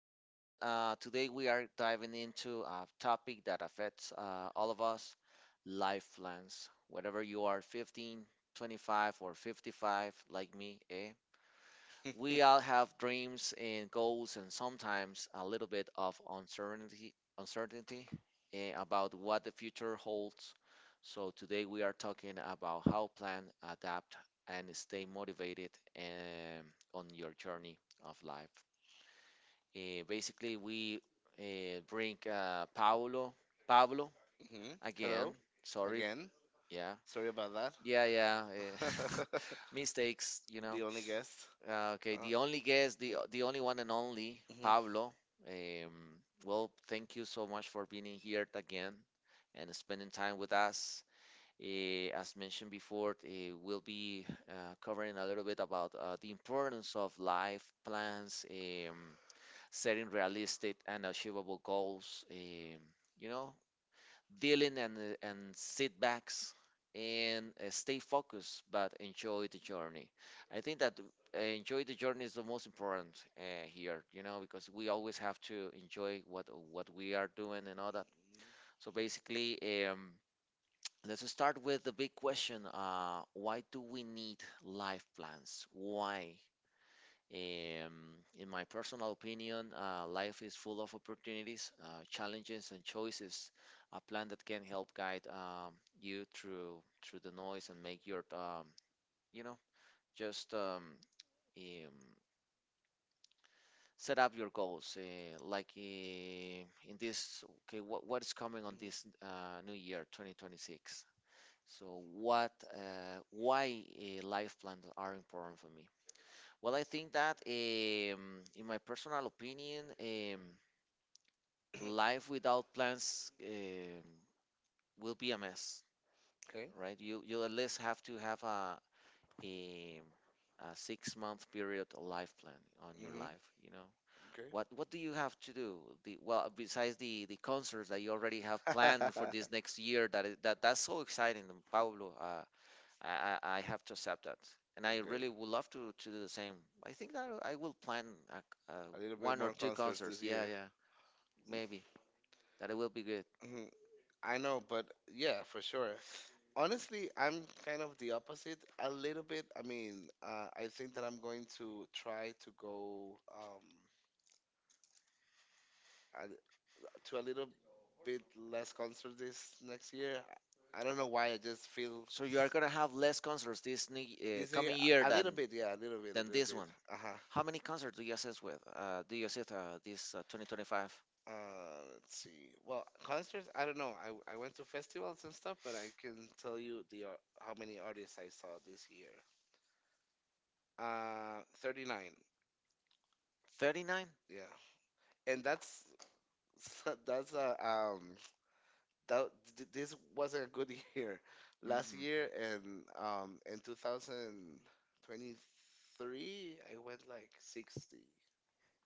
and today we are diving into a topic that affects all of us life plans. Whether you are 15, 25, or 55, like me, eh? We all have dreams and goals, and sometimes a little bit of uncertainty about what the future holds. So today we are talking about how plan, adapt, and stay motivated um, on your journey of life. Basically, we bring Pablo Hmm. again. Hello, Sorry, again. yeah, Sorry about that. Yeah, yeah. Mistakes, you know. The only guest. Okay, Uh, the only guest, the only one and only, mhm. Mhm. Pablo. Um, well, thank you so much for being here again and spending time with us. As mentioned before, we'll be covering a little bit about the importance of life plans, setting realistic and achievable goals. You know, dealing and sit backs and stay focused but enjoy the journey. I think that enjoy the journey is the most important here, because we always have to enjoy what we are doing and all that. So basically, let's start with the big question, why do we need life plans? Why? um, in my personal opinion, life is full of opportunities, challenges, and choices. A plan that can help guide you through the noise and make your you know just um, set up your goals. Like in this, okay, what is coming on Mhm. this new year, 2026? So why life plans are important for me? Well, I think that, in my personal opinion, life without plans will be a mess, Okay. right? You at least have to have a, a 6-month period life plan on your Hmm. life. You know Okay. what do you have to do? The well, besides the concerts that you already have planned for this next year, that is, that's so Okay. exciting, Pablo. I have to accept that. And I really would love to do the same. I think that I will plan A little bit one or more two concerts this concerts. Yeah, year. yeah, maybe that it will be good. Mhm. I know, but yeah, for sure. Honestly, I'm kind of the opposite a little bit. I mean, I think that I'm going to try to go a, to a little bit less concert this next year. I don't know why. I just feel So you are gonna have less concerts this new, this year coming year a than little bit. Yeah, a little bit, a than little this bit. one. Uh huh. How many concerts do you assist with? Do you assist this 2025? Let's see. Well, concerts, I don't know. I went to festivals and stuff, but I can tell you how many artists I saw this year. 39. 39. Yeah. And that's that's a that th- this wasn't a good year. Last Mhm. year, and in 2023 I went like 60.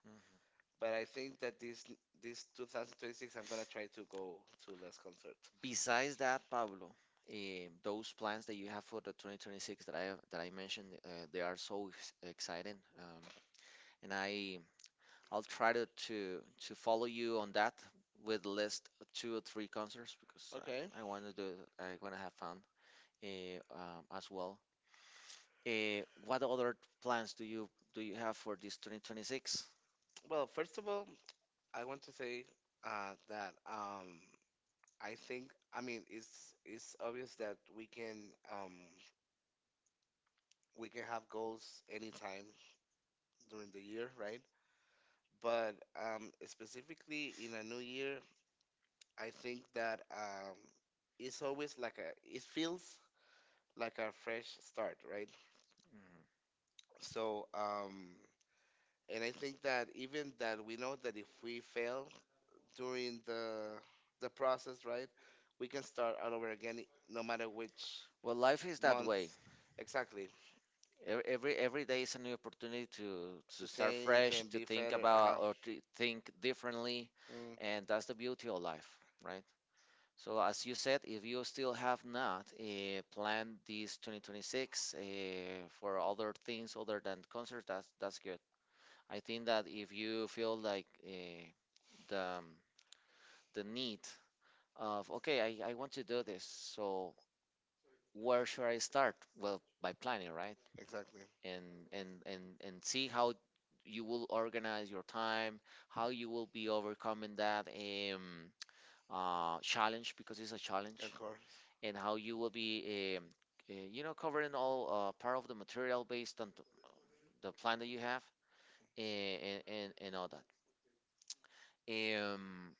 Mhm. But I think that this 2026 I'm gonna try to go to less concerts. Besides that, Pablo, those plans that you have for the 2026 that I mentioned, they are so exciting. And I'll try to follow you on that with list two or three concerts because Okay. I, I want to do I want to have fun, uh, as well. What other plans do you have for this 2026? Well, first of all, I want to say that I think, I mean, it's obvious that we can, um, we can have goals anytime during the year, right? But specifically in a new year, I think that it's always like a, it feels like a fresh start, right? Mm. So, and I think that even that we know that if we fail, during the process, right? We can start all over again, no matter which Well, life is that month, way. exactly, Every day is a new opportunity to to to start change fresh, and to be think better. about Uh-huh. or to think differently, Mm, and that's the beauty of life, right? So as you said, if you still have not planned this 2026 for other things other than concerts, that's good. I think that if you feel like the um, the need of, okay, I want to do this, so where should I start? Well, by planning, right? exactly, And see how you will organize your time, how you will be overcoming that, challenge, because it's a of challenge, course. and how you will be covering all part of the material based on the plan that you have, and, and all that.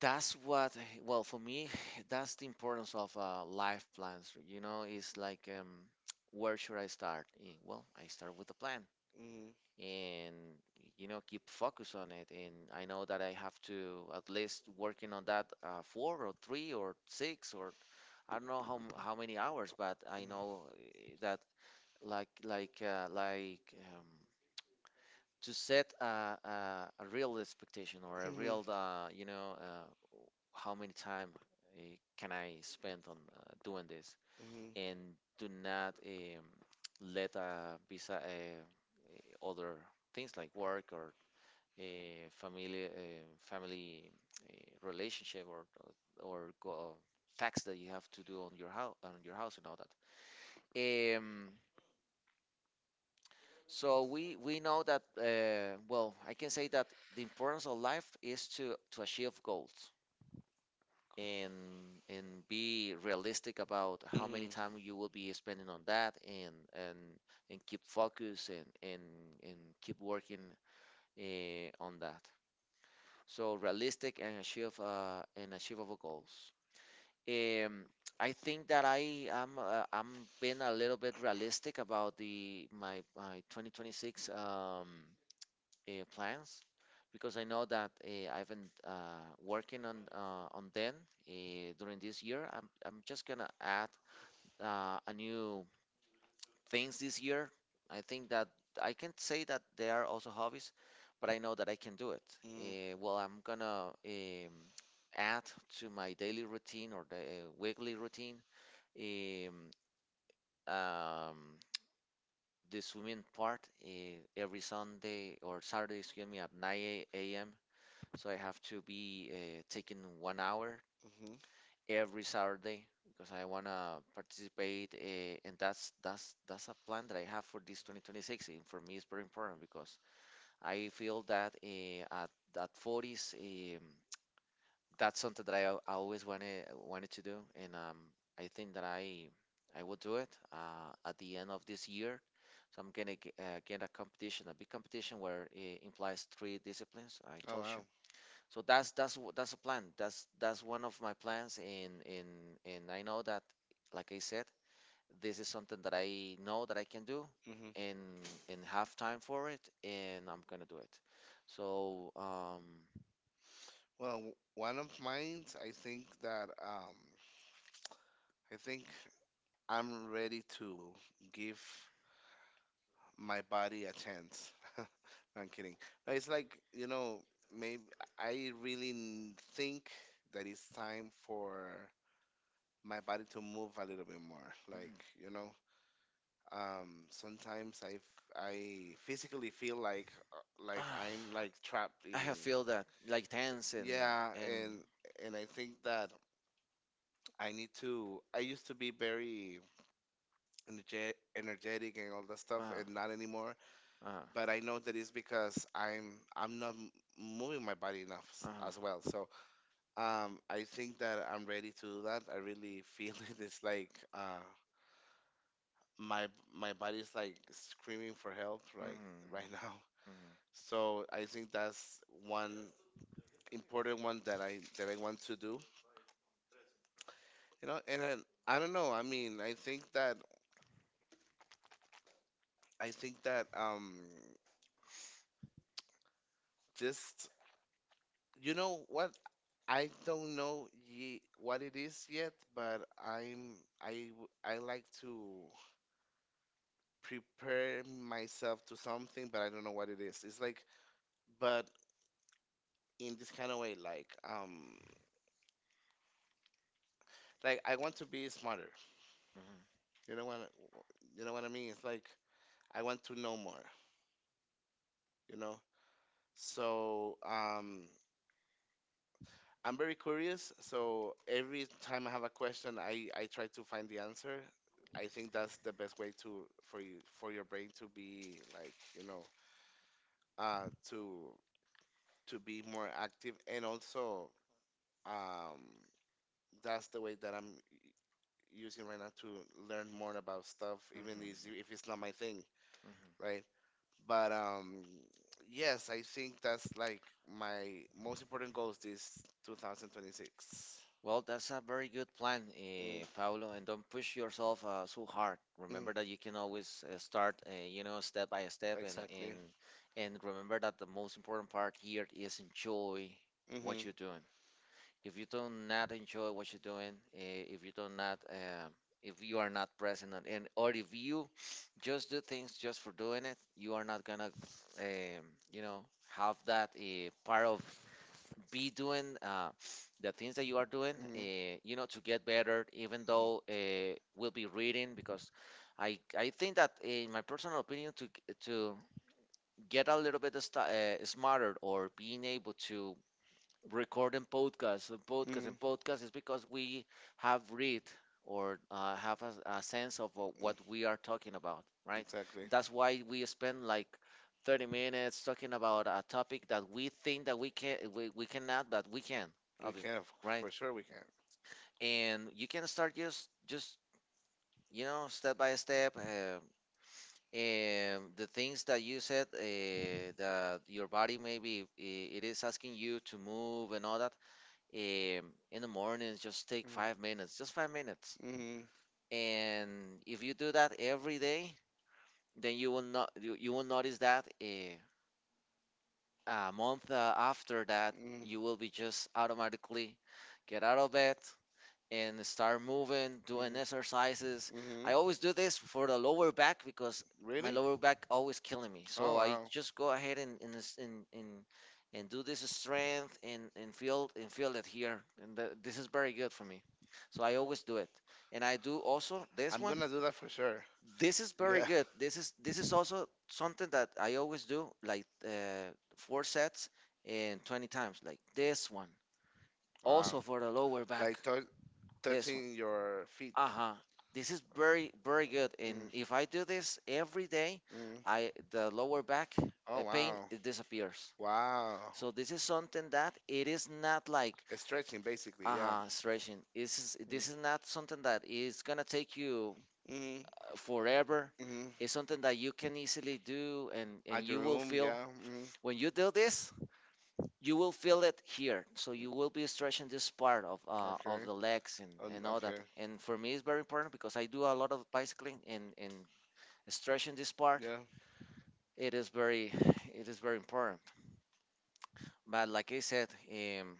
That's what, well, for me, that's the importance of life plans. It's like, where should I start? Well, I start with a plan, Mm, and keep focus on it. And I know that I have to, at least, working on that four or three or six or, I don't know how many hours, but I know, that like um, to set a real expectation or mm, a mm, real, how many time uh, can I spend on doing this, mm, and do not, let, eh, other things like work or a familiar family relationship, or tax that you have to do on your house and all that. So we know that, well, I can say that the importance of life is to achieve goals and be realistic about how many time you will be spending on that, and keep focus, and keep working on that. So realistic and achieve and achievable goals. Um, I think that I am I'm being a little bit realistic about the my my 2026 plans because I know that I've been working on them during this year. I'm just gonna add a new things this year. I think that I can say that they are also hobbies, but I know that I can do it. mm, Well, I'm gonna add to my daily routine or the weekly routine, um, um, the swimming part, every Sunday or Saturday, excuse me, at 9 a.m. So I have to be taking 1 hour mm, mm. every Saturday because I wanna participate, and that's a plan that I have for this 2026. And for me, it's very important because I feel that at 40s, that's something that I always wanted to do, and, I think that I will do it at the end of this year. So I'm gonna get a competition, a big competition where it implies three disciplines. I Oh told wow. so. That's a plan. That's one of my plans, and I know that, like I said, this is something that I know that I can do, Hmm. and and have time for it, and I'm gonna do it. So Well, one of mine, I think that, I think I'm ready to give my body a chance. No, I'm kidding. No, it's like, maybe I really think that it's time for my body to move a little bit more. Like, Mhm. you know, sometimes I physically feel like, like Ah, I'm like trapped I in, have feel that like tense and, yeah, and and I think that I need to I used to be very energetic, and all that stuff, uh-huh, and not anymore, but uh-huh, I know that it's because I'm not moving my body enough, as well, uh-huh. so, I think that I'm ready to do that. I really feel it's like, my my body's like screaming for help, like, Mhm, right now. mhm, So I think that's one important one that I want to do. You know, and I don't know. I mean, I think that just, you know what, I don't know ye what it is yet, but I like to prepare myself to something, but I don't know what it is. It's like, but in this kind of way, like I want to be smarter. mhm. You know what I- you know what I mean? It's like I want to know more you know So I'm very curious. So every time I have a question, I try to find the answer. I think that's the best way to, for your brain to be like, uh, to to be more active, and also, um, that's the way that I'm using right now to learn more about stuff, even if it's not my thing, right? But yes, I think that's like my most important goals this 2026. Well, that's a very good plan, Mm, Paulo, and don't push yourself so hard. mm, Remember that you can always start, step by step, exactly. and and remember that the most important part here is enjoy Mm-hmm, what you're doing. If you do not enjoy what you're doing, if you do not, if you are not present, on, and or if you just do things just for doing it, you are not gonna, um, you know, have that part of be doing the things that you are doing, mm-hmm, to get better. Even though we'll be reading, because I think that in my personal opinion, to get a little bit smarter or being able to record and podcast and podcast mm-hmm, and podcast is because we have read or have a sense of mm, what we are talking about, right? exactly. And that's why we spend like 30 minutes talking about a topic that we think that we can, we cannot, but we can, We obviously, can, f- right? for sure we can. And you can start just step by step, and the things that you said, that your body maybe it is asking you to move and all that, in the mornings, just take 5 minutes, just 5 minutes, Mm, mm, and if you do that every day, then you will not, you will notice that a month after that mm, you will be just automatically get out of bed and start moving, doing mm, exercises. mm-hmm. I always do this for the lower back because my Really? lower back always killing me. Oh So I wow. just go ahead and do this strength, and feel it here. And this is very good for me. So I always do it. And I do also this I'm one. gonna do that for sure. This is very Yeah. good. This is also something that I always do, like four sets and 20 times, like this one. Also Wow. for the lower back. Like This one. touching your feet. Uh huh. This is very very good. Mm, And if I do this every day, mm. I the lower back Oh pain wow. it disappears. Wow. So this is something that it is not like Stretching basically. uh Yeah. huh stretching. This is not something that is gonna take you Mm. Forever. Mm-hmm. It's something that you can easily do and At your you will room. feel Yeah. Mm-hmm. when you do this you will feel it here, so you will be stretching this part of Okay. the legs and, and all that. Okay. And for me it's very important because I do a lot of bicycling and stretching this part Yeah. it is very it is very important. But like I said, um,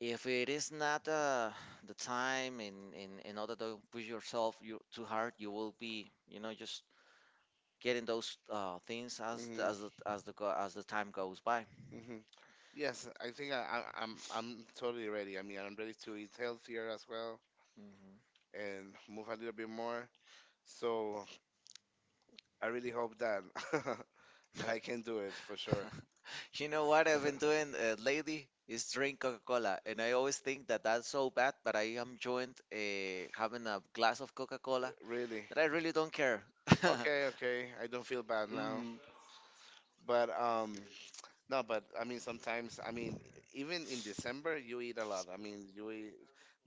if it is not the time and all that, don't push yourself too hard. You will be just getting those things as the- Mhm. as the, as the go- as the time goes by. Mhm. Yes, I think I'm totally ready. I mean, I'm ready to eat healthier as well, and move a little bit more. So I really hope that that I can Hmm. do it for sure. You know what I've been doing lately is drink Coca-Cola, and I always think that that's so bad, but I am joined, having a glass of Coca-Cola Really. that I really don't care. Okay, okay. I don't feel bad now. Mm. But no, but I mean, sometimes, I mean, even in December, you eat a lot. I mean, you eat,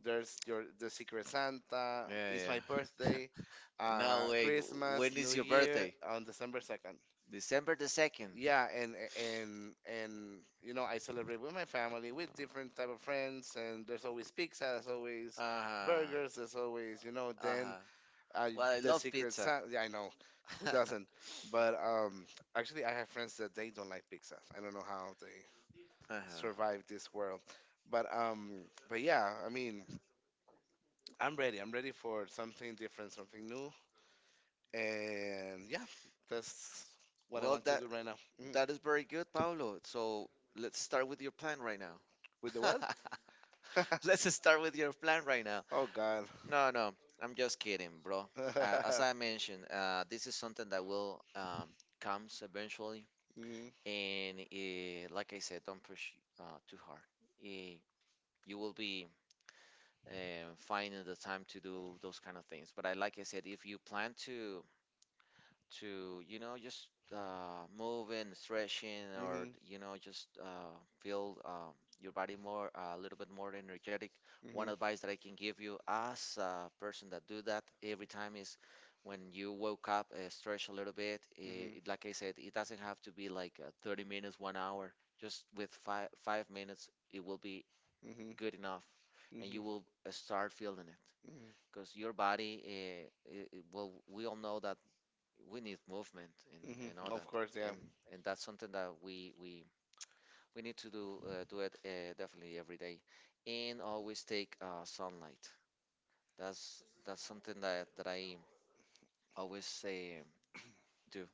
there's your the Secret Santa. Yeah, It's my yeah. birthday, no way. w- Christmas, When New is your Year birthday? on December 2nd. December the second. Yeah, and I celebrate with my family, with different type of friends, and there's always pizza, there's always Uh huh. burgers, there's always. Uh Then huh. I Well, I the love Secret pizza. Santa. Yeah, I know. Who uh doesn't? But actually, I have friends that they don't like pizza. I don't know how they huh. survive this world. But um, but yeah, I mean, I'm ready. I'm ready for something different, something new, and yeah, that's what I Well, want to that do right now. Mhm. that is very good, Paulo. So let's start with your plan right now. With the what? Let's just start with your plan right now. Oh God. No, no, I'm just kidding, bro. As I mentioned, this is something that will comes eventually, Hmm. and like I said, don't push too hard. Eh, you will be finding the time to do those kind of things. But like I said, if you plan to you know just move and stretching, or Hmm. you know just feel your body more, a little bit more energetic. One Hmm. advice that I can give you, as a person that do that every time, is when you woke up, stretch a little bit. Eh, Mhm. it, like I said, it doesn't have to be like, 30 minutes, 1 hour. Just with five minutes it will be Mhm. good enough, and you Mhm. will start feeling it, Mhm. because your body, well, we all know that we need movement and, Mhm. and all Of that, course, yeah. and and that's something that we need to do it, definitely, every day. And always take sunlight. That's something that I always say: do.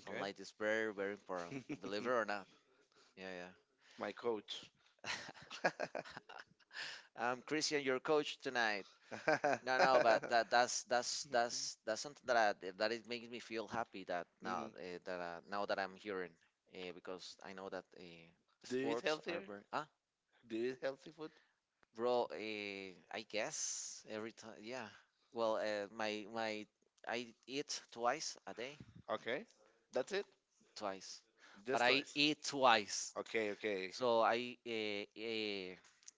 Okay. Sunlight is very very important, believe it or not. Yeah. My coach. Yeah. I'm Christian, your coach tonight. No, no, but that that's that's that's that's something that that it makes me feel happy that Mhm. Now that I'm hearing, because I know that, Do you eat sports are healthier? very. Do you eat healthy food? Bro, I guess every time. Yeah. Well, my my I eat twice a day. Okay. That's it? Twice, but Just I twice. eat twice. Okay, okay. So I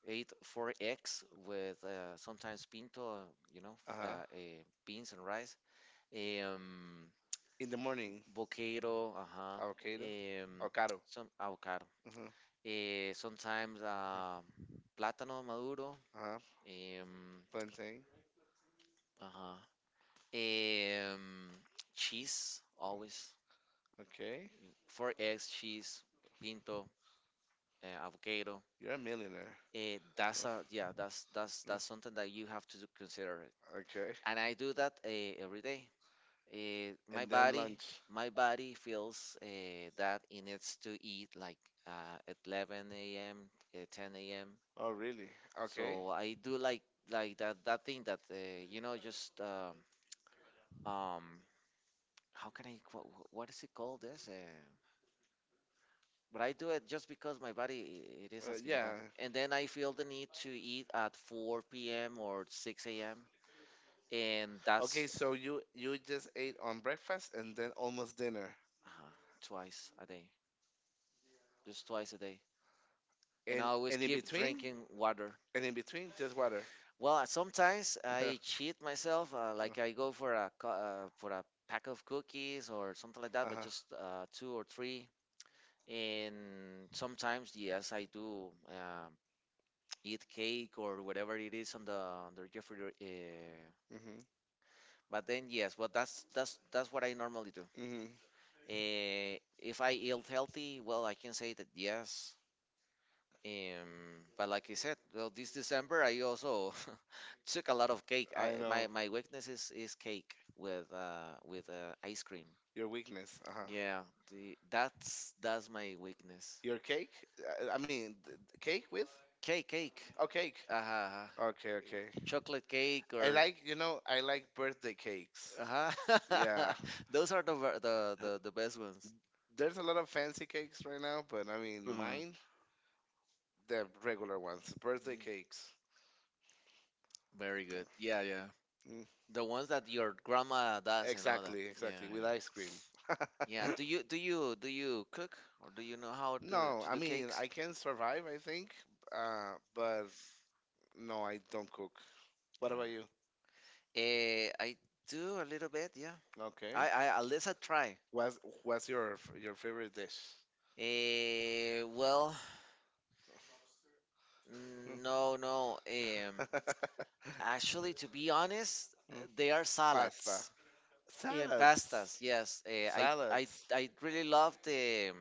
ate four eggs with, sometimes pinto, you know Uh huh. Beans and rice. um, In the morning. Bocado, uh-huh, Avocado, um, avocado. some avocado. Hmm. Uh-huh. Sometimes, Uh-huh. Plátano maduro, Uh-huh. um, Plantain. uh-huh, um, cheese, always. Okay. Four eggs, cheese, pinto, avocado. You're a millionaire. Eh, that's a yeah, Mm. that's something that you have to consider it. Okay. And I do that every day. It, And then lunch. my body feels, that it needs to eat, like, at 11 a.m., 10 a.m. Oh, really? Okay. So I do, like, that— that thing that you know just um how can I qu- wh- what is it called, this but I do it just because my body, it is asking me that, Yeah. and then I feel the need to eat at 4 p.m. or 6 a.m. and that's Okay, so you just ate on breakfast and then almost dinner. uh-huh, twice a day. Just twice a day. And I And always and in keep between? drinking water. And in between, just water. Well, sometimes Yeah. I cheat myself, like I go for Uh, a co- uh, for a pack of cookies or something like that, (Uh but huh). just two or three. And sometimes, yes, I do eat cake or whatever it is on the refrigerator. Mhm. But then, yes, but that's what I normally do. Mhm. If I eat healthy, well, I can say that, yes. But like I said, well, this December I also took a lot of cake. I I know. my my weakness is cake, with, ice cream. Your weakness. Uh huh. Yeah, that's my weakness. Your cake? I mean, cake with? Cake. Cake, Oh, cake. uh, Okay, okay. chocolate cake. I Or like, you know, I like birthday cakes. uh Yeah. those are the the best ones. There's a lot of fancy cakes right now, but I Mhm. mean, Mhm. mine, the regular ones, birthday cakes. Very good. Yeah, yeah. Mm. The ones that your grandma does and all that. Exactly, Yeah, exactly. With yeah. ice cream. Yeah, do you cook, or do you know how to No, to I do mean, cakes? I can survive, I think, but no, I don't cook. What about you? I do a little bit, yeah. Okay. I At least I try. What's what's your favorite dish? Well, Mm. no, no. Um, actually, to be honest, they are Pasta. salads and Salads. pastas. Yes, I I Salads. I really love the—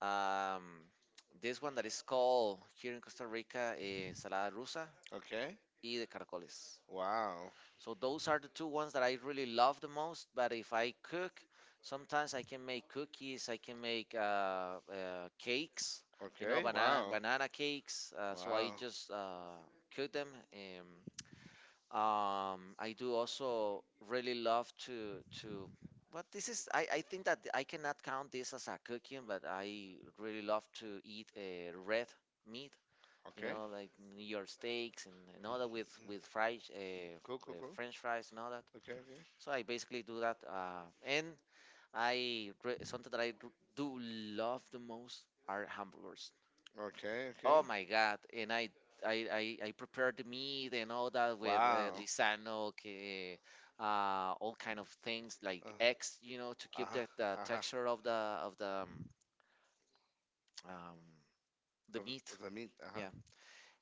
Um, this one that is called here in Costa Rica, ensalada rusa Okay. y de caracoles. Wow. So those are the two ones that I really love the most. But if I cook, sometimes I can make cookies, I can make, cakes, you know, Okay. banana Wow. banana cakes. So I Wow. just, cook them. I do also really love to but this is, I think that I cannot count this as a cooking, but I really love to eat, red meat, you Okay. know, like New York steaks and all that, with fried, Cool, cool, cool. French fries and all that. Okay, okay. So I basically do that. And something that I do love the most are hamburgers. Okay, Oh okay. my God! And I prepared the meat and all that with, Wow. Lisano, all kind of things like Uh, eggs, you know, to keep uh-huh, the uh-huh. texture of the of the um, um, the Of, meat. of the meat, uh-huh. Yeah.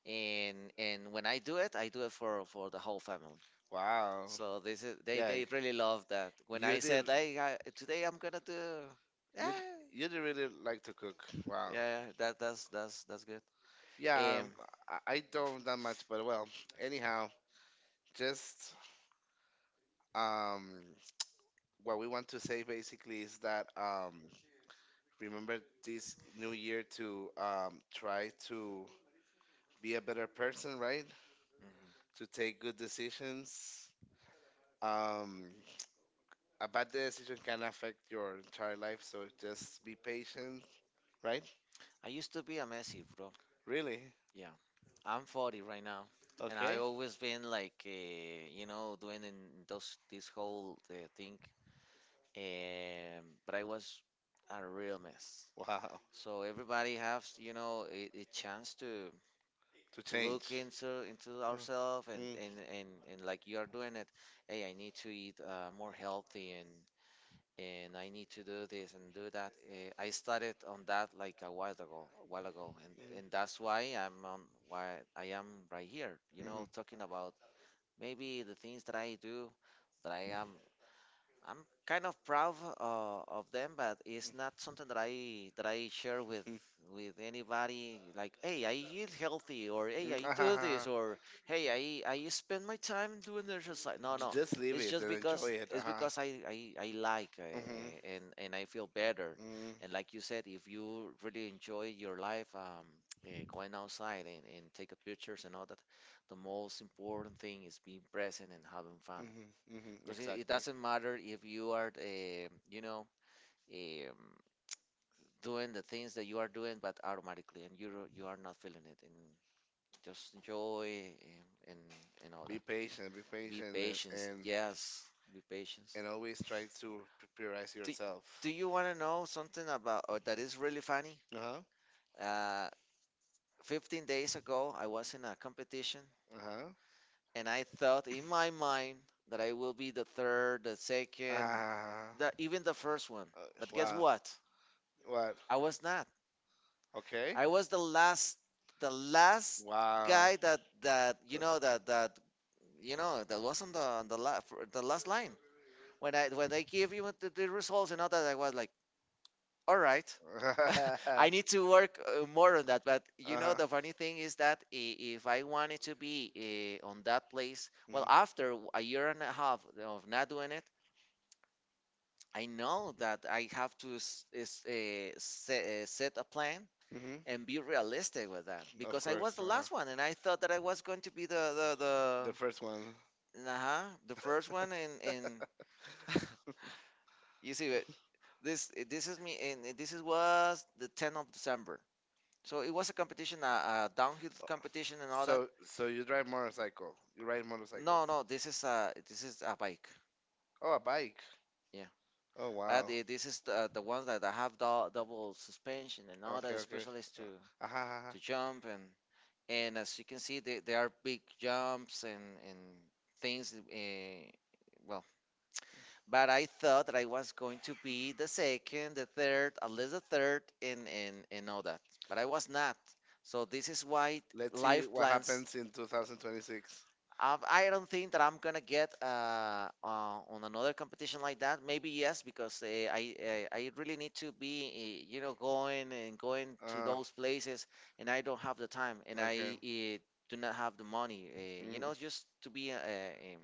And when I do it for the whole family. Wow. So this is Yeah, they really love that. When you I did, said, hey, today I'm gonna do. Yeah, you, you did really like to cook. Wow. yeah, that's good. Um, Yeah, mhm. I don't that much, but well, anyhow, just, um, what we want to say basically is that, remember this new year to, try to be a better person, right? To take good decisions. Um, a bad decision can affect your entire life, so just be patient, right? I used to be a messy, bro. Really? Yeah, I'm 40 right now, and I Okay. always been like, doing in those this whole, thing. But I was a real mess. Wow. So everybody has, a chance to To to look change. Into ourselves, Mm, and, mm, and and and like you are doing it. Hey, I need to eat, more healthy, and I need to do this and do that. I started on that like a while ago, and mm, and that's why I'm on why I am right here. You mhm, know, talking about maybe the things that I do, that I'm kind of proud of them, but it's not something that I share with anybody. Like, hey, I eat healthy, or hey, mm, I do this, mhm. or hey, I spend my time doing exercise. No, J- no, Just leave it's it just and because enjoy it. Uh it's huh. because I like, Mm-hmm. And I feel better. Mm. And like you said, if you really enjoy your life, going outside and take a pictures and all that, the most important thing is being present and having fun. Mm-hmm. Mm-hmm. Because it Exactly. doesn't matter if you are, um, doing the things that you are doing, but automatically, and you are not feeling it, and just enjoy and all Be that. patient. Be Be patient, and patient. and, Yes, be patient. and always try to preparize Do, yourself. do you want to know something about or that is really funny? Uh huh. Uh, 15 days ago, I was in a competition, Uh huh. and I thought in my mind that I will be the third, the second, Ah. Even the first one. Uh, But guess wow. what? What? I was not. Okay. I was the last Wow. guy that that you Cool. know that that you know that wasn't the on the la- for the last line, when they give you the results and all that. I was like, all right. Uh-huh. I need to work, more on that. But the funny thing is that, if I wanted to be, on that place, well, Hmm. after a year and a half of not doing it, I know that I have to set a plan, Hmm. and be realistic with that, Of because I was course. the Uh-huh. last one, and I thought that I was going to be the the The first one. the uh-huh, the first one in. You see it. This is me, and this is was the 10th of December. So it was a competition, a, downhill competition and all that. So, you drive motorcycle. You ride No, motorcycles. no, this is a, this is a bike. Oh, a bike. Yeah, Oh, but, wow. This is the ones that have, double suspension and all Okay, that, okay. especially to Uh, uh-huh, uh-huh. to jump, and as you can see, there are big jumps and things. Well, but I thought that I was going to be the second, the third, at least the third, and all that. But I was not. So this is why. Let's see Life what plans. happens in 2026. I don't think that I'm gonna get, on another competition like that. Maybe yes, because I really need to be you know going and going to Uh, those places, and I don't have the time, and I okay. Do not have the money. Mm, Just to be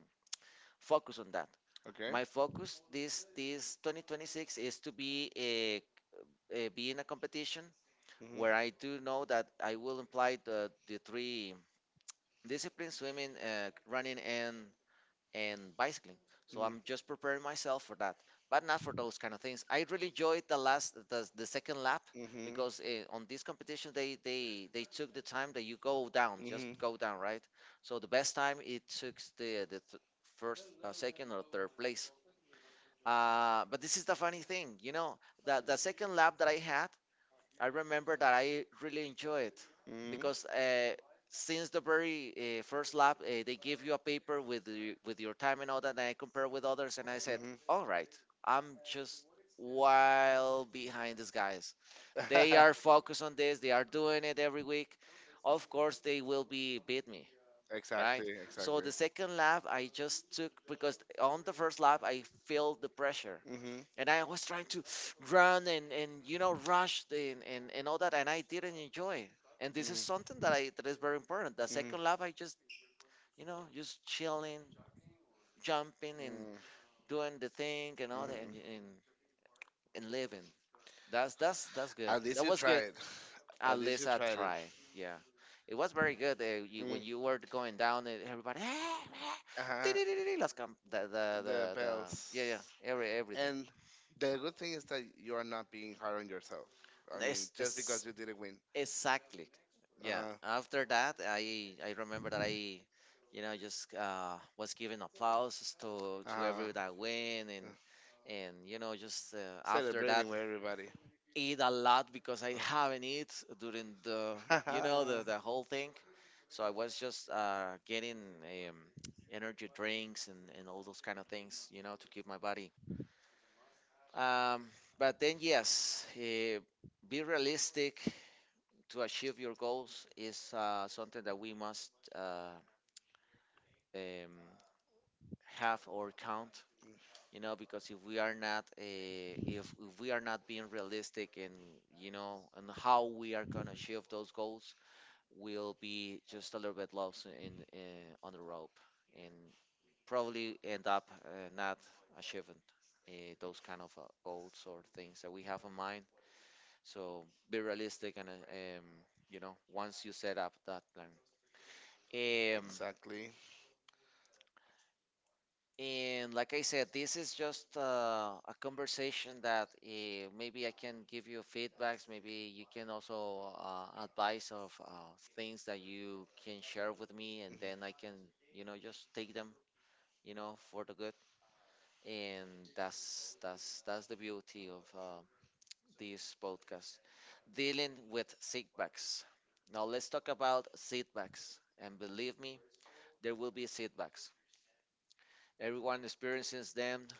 focused on that. okay. My focus this 2026 is to be a be in a competition Mhm. where I do know that I will imply the three disciplines: swimming, running, and bicycling. So Mhm. I'm just preparing myself for that, but not for those kind of things. I really enjoyed the second lap Mhm. because on this competition they took the time that you go down, just Mhm. Mhm. go down, right? So the best time it took the first, second, or third place. But this is the funny thing, the second lap that I had, I remember that I really enjoyed it because since the very first lap, they give you a paper with with your time and all that, and I compare with others, and I said, Mhm. all right, I'm just while behind these guys. They are focused on this. They are doing it every week. Of course, they will be beat me, right? Exactly. So Exactly. the second lap, I just took because on the first lap I felt the pressure Mhm. and I was trying to run and rush the, and all that, and I didn't enjoy it. And this is Mhm. something that is very important. The second lap, I just just chilling, jumping, and Mhm. doing the thing and all that, Mm. And living. That's good. At least That you was good. tried. At At least least you I tried it. tried. Yeah, it was very good. When Mm. you were going down, and everybody, Uh-huh. las cam- The the yeah yeah, bells. Everything. And the good thing is that you are not being hard on yourself. I mean, It's, just it's because you didn't win. exactly. Yeah. Uh-huh. After that, I remember that I, you know, just was giving applause to Uh-huh. every that win Uh, and you know just after that Celebrating with everybody. eat a lot because I Uh. haven't eat during the the Haha. the whole thing, so I was just getting um, energy drinks and all those kind of things to keep my body. Um, but then yes, be realistic to achieve your goals is something that we must um, have or count because if we are not if we are not being realistic in and how we are going to achieve those goals, we'll be just a little bit lost in on the rope and probably end up not achieving uh, those kind of goals or things that we have in mind. So be realistic and you know, once you set up that plan. Um, Exactly. and like I said, this is just a conversation that maybe I can give you feedbacks. Maybe you can also advise of things that you can share with me, and Mhm. then I can, you know, just take them, you know, for the good. And that's that's the beauty of this podcast, dealing with setbacks. Now let's talk about setbacks, and believe me, there will be setbacks. Everyone experiences them.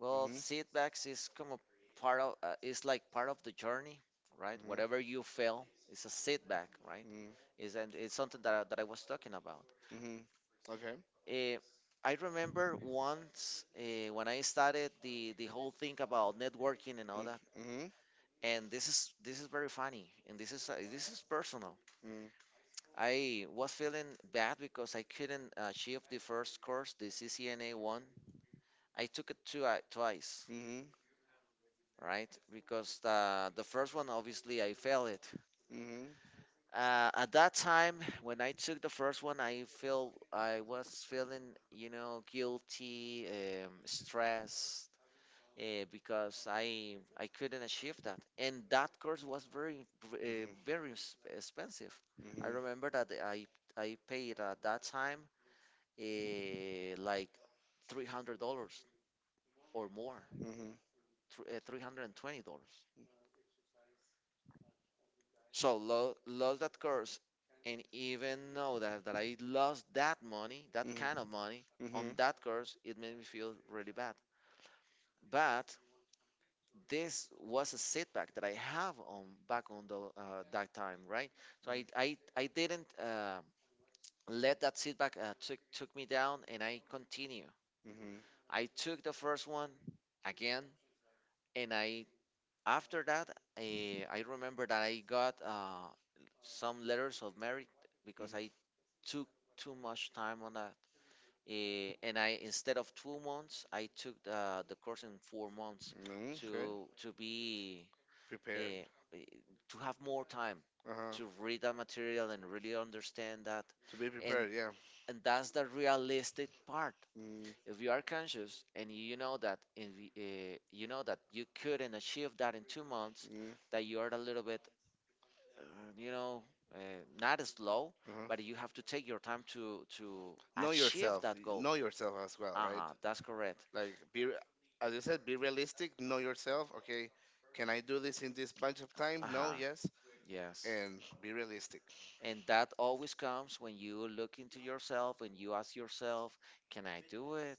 Well, Mhm. setbacks is come a part of is like part of the journey, right? Mhm. Whatever you fail is a setback, right? Mhm. Is and it's something that I was talking about. Mhm. Okay. Eh, I remember once when I started the whole thing about networking and all Mm, that. mhm. And this is very funny, and this is personal. Mm, I was feeling bad because I couldn't achieve the first course, the CCNA one. I took it twice, right? Because the first one, obviously, I failed it. mhm. At that time, when I took the first one, I was feeling, you know, guilty, stressed, because I couldn't achieve that, and that course was very Mhm. Expensive. Mhm. I Mhm. remember that I paid at that time like $300 or more, Mhm. Mhm. $320. So lost that course, and even know that I lost that money, that kind of money Mhm. on Mm, that course, it made me feel really bad. But this was a setback that I have on back on the that time, right? So I didn't let that setback took me down, and I continue. mhm. I took the first one again, and I after that I remember that I got some letters of merit because Mhm. I took too much time on that. Eh, and I Instead of 2 months, I took the course in 4 months Mm, okay. to be uh, Prepared. to have more time Uh huh. to read that material and really understand that. To be And prepared. Yeah. and that's the realistic part. Mm-hmm. If you are conscious and you know that if, you know that you couldn't achieve that in 2 months, Mm, that you are a little bit, uh, you know, uh, not slow, uh-huh. but you have to take your time to Know achieve yourself. that goal. Know yourself as well, Uh right? huh. That's correct. Like, as you said, be realistic. Know yourself. Okay, can I do this in this bunch of time? Uh No, huh. yes, Yes. and be realistic. And that always comes when you look into yourself and you ask yourself, "Can I do it?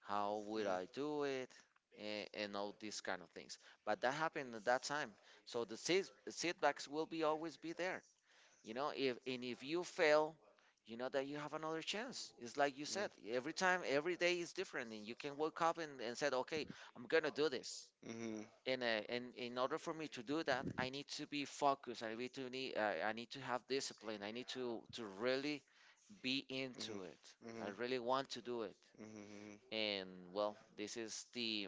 How would Mm, I do it?" And all these kind of things. But that happened at that time, so the setbacks will be always be there. You know, if and if you fail, you know that you have another chance. It's like you mm, said, every time, every day is different, and you can wake up and said, okay, I'm gonna do this. mhm. And in order for me to do that, I need to be focused. I need to have discipline. I need to really be into Mhm. it. I Mhm. really want to do it. Mhm. Mhm. And well, this is the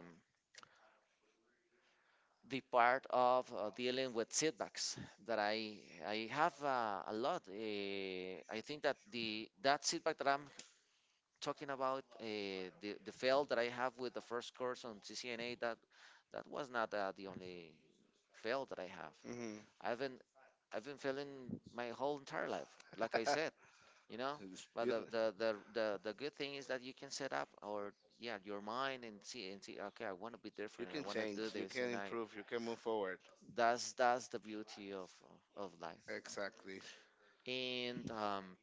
the part of dealing with setbacks that I have a lot. I think that the that setback that I'm talking about, the fail that I have with the first course on CCNA, that that was not the only fail that I have. Mhm. I've been I've been failing my whole entire life, like I said, you know. But Yes. the good thing is that you can set up or yeah your mind and see okay, I want to be You different and I can want to change. do You this can and I improve. You can move forward. that's the beauty of life. Exactly. And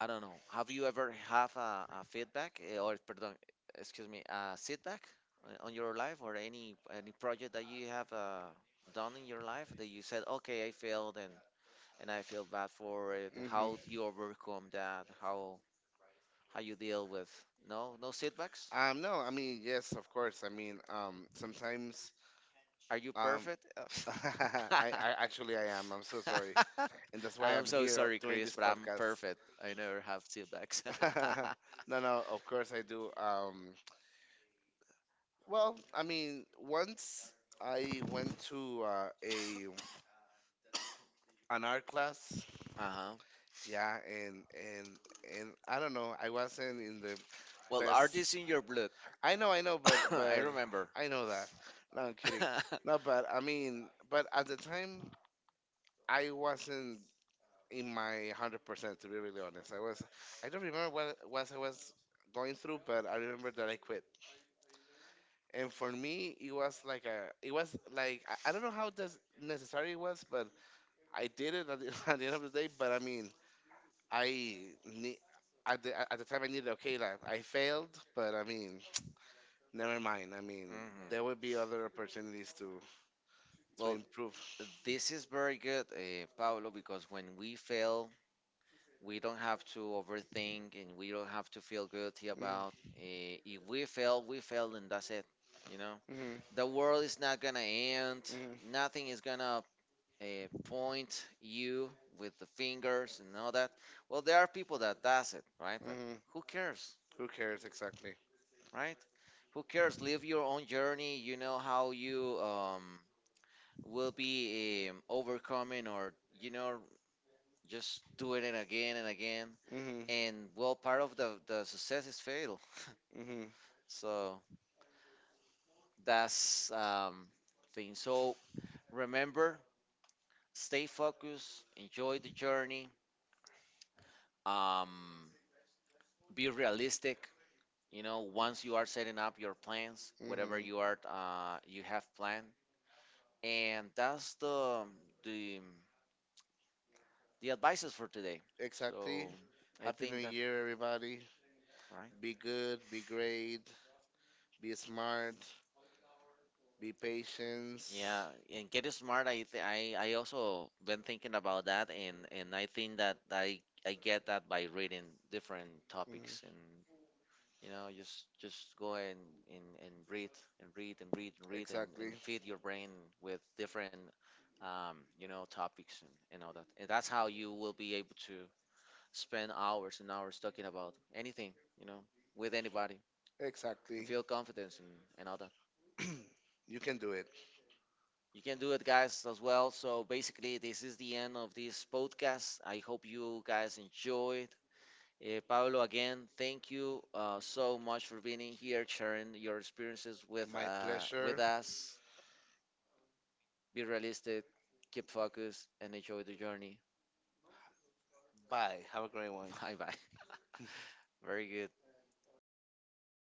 I don't know. Have you ever have a feedback or pardon, excuse me, a setback on your life or any project that you have done in your life that you said, okay, I failed and I feel bad for it. How Mhm. you overcome that? How you deal with no no setbacks? No, I mean, yes, of course. I mean, sometimes, Are you um, perfect? I actually, I am. I'm so sorry, and that's why I'm I'm so here sorry, doing Chris, this but I'm podcast. perfect. I never have setbacks. uh No, no, of course I do. Well, I mean, once I went to, a an art class, huh. yeah, and I don't know, I wasn't in the Well, art best. is in your blood. I know, but I but remember. I know that. No, I'm kidding. No, but I mean, but at the time, I wasn't in my 100%. To be really honest, I was. I don't remember what it was I was going through, but I remember that I quit. And for me, it was like a. It was like I don't know how does necessary it was, but I did it at the, at the end of the day, but I mean, I ne- at the time I needed, okay, like I failed, but I mean, never mind. I mean, Mm hmm. there would be other opportunities to Well, improve. this is very good, Paolo, because when we fail, we don't have to overthink and we don't have to feel guilty about. Mm-hmm. If we fail, we fail, and that's it. You know. Mm-hmm. The world is not gonna end. Nothing is gonna uh, point you with the fingers and all that. Well, there are people that does it, right? But Mm-hmm. who cares, Who cares, exactly? right? Who cares? Live your own journey. You know how you will be overcoming, or you know, just doing it again and again. Mm-hmm. And well, part of the success is fail. Mm-hmm. So that's thing. So remember, stay focused, enjoy the journey, um, be realistic. You know, once you are setting up your plans, whatever Mm-hmm. you are you have planned, and that's the the advices for today. Exactly. So I Happy New think that Year, everybody. right. Be good. Be great. Be smart. Be patient. Yeah, and get smart. I also been thinking about that, and I think that I get that by reading different Mm, topics and you know, just go and breathe and exactly. feed your brain with different you know topics and all that. And that's how you will be able to spend hours and hours talking about anything, you know, with anybody and Exactly. feel confidence and all that. You can do it. You can do it, guys, as well. So basically, this is the end of this podcast. I hope you guys enjoyed. Pablo, again, thank you so much for being in here, sharing your experiences My with pleasure. us. Be realistic, keep focused, and enjoy the journey. Bye. Have a great one. Bye bye. Very good.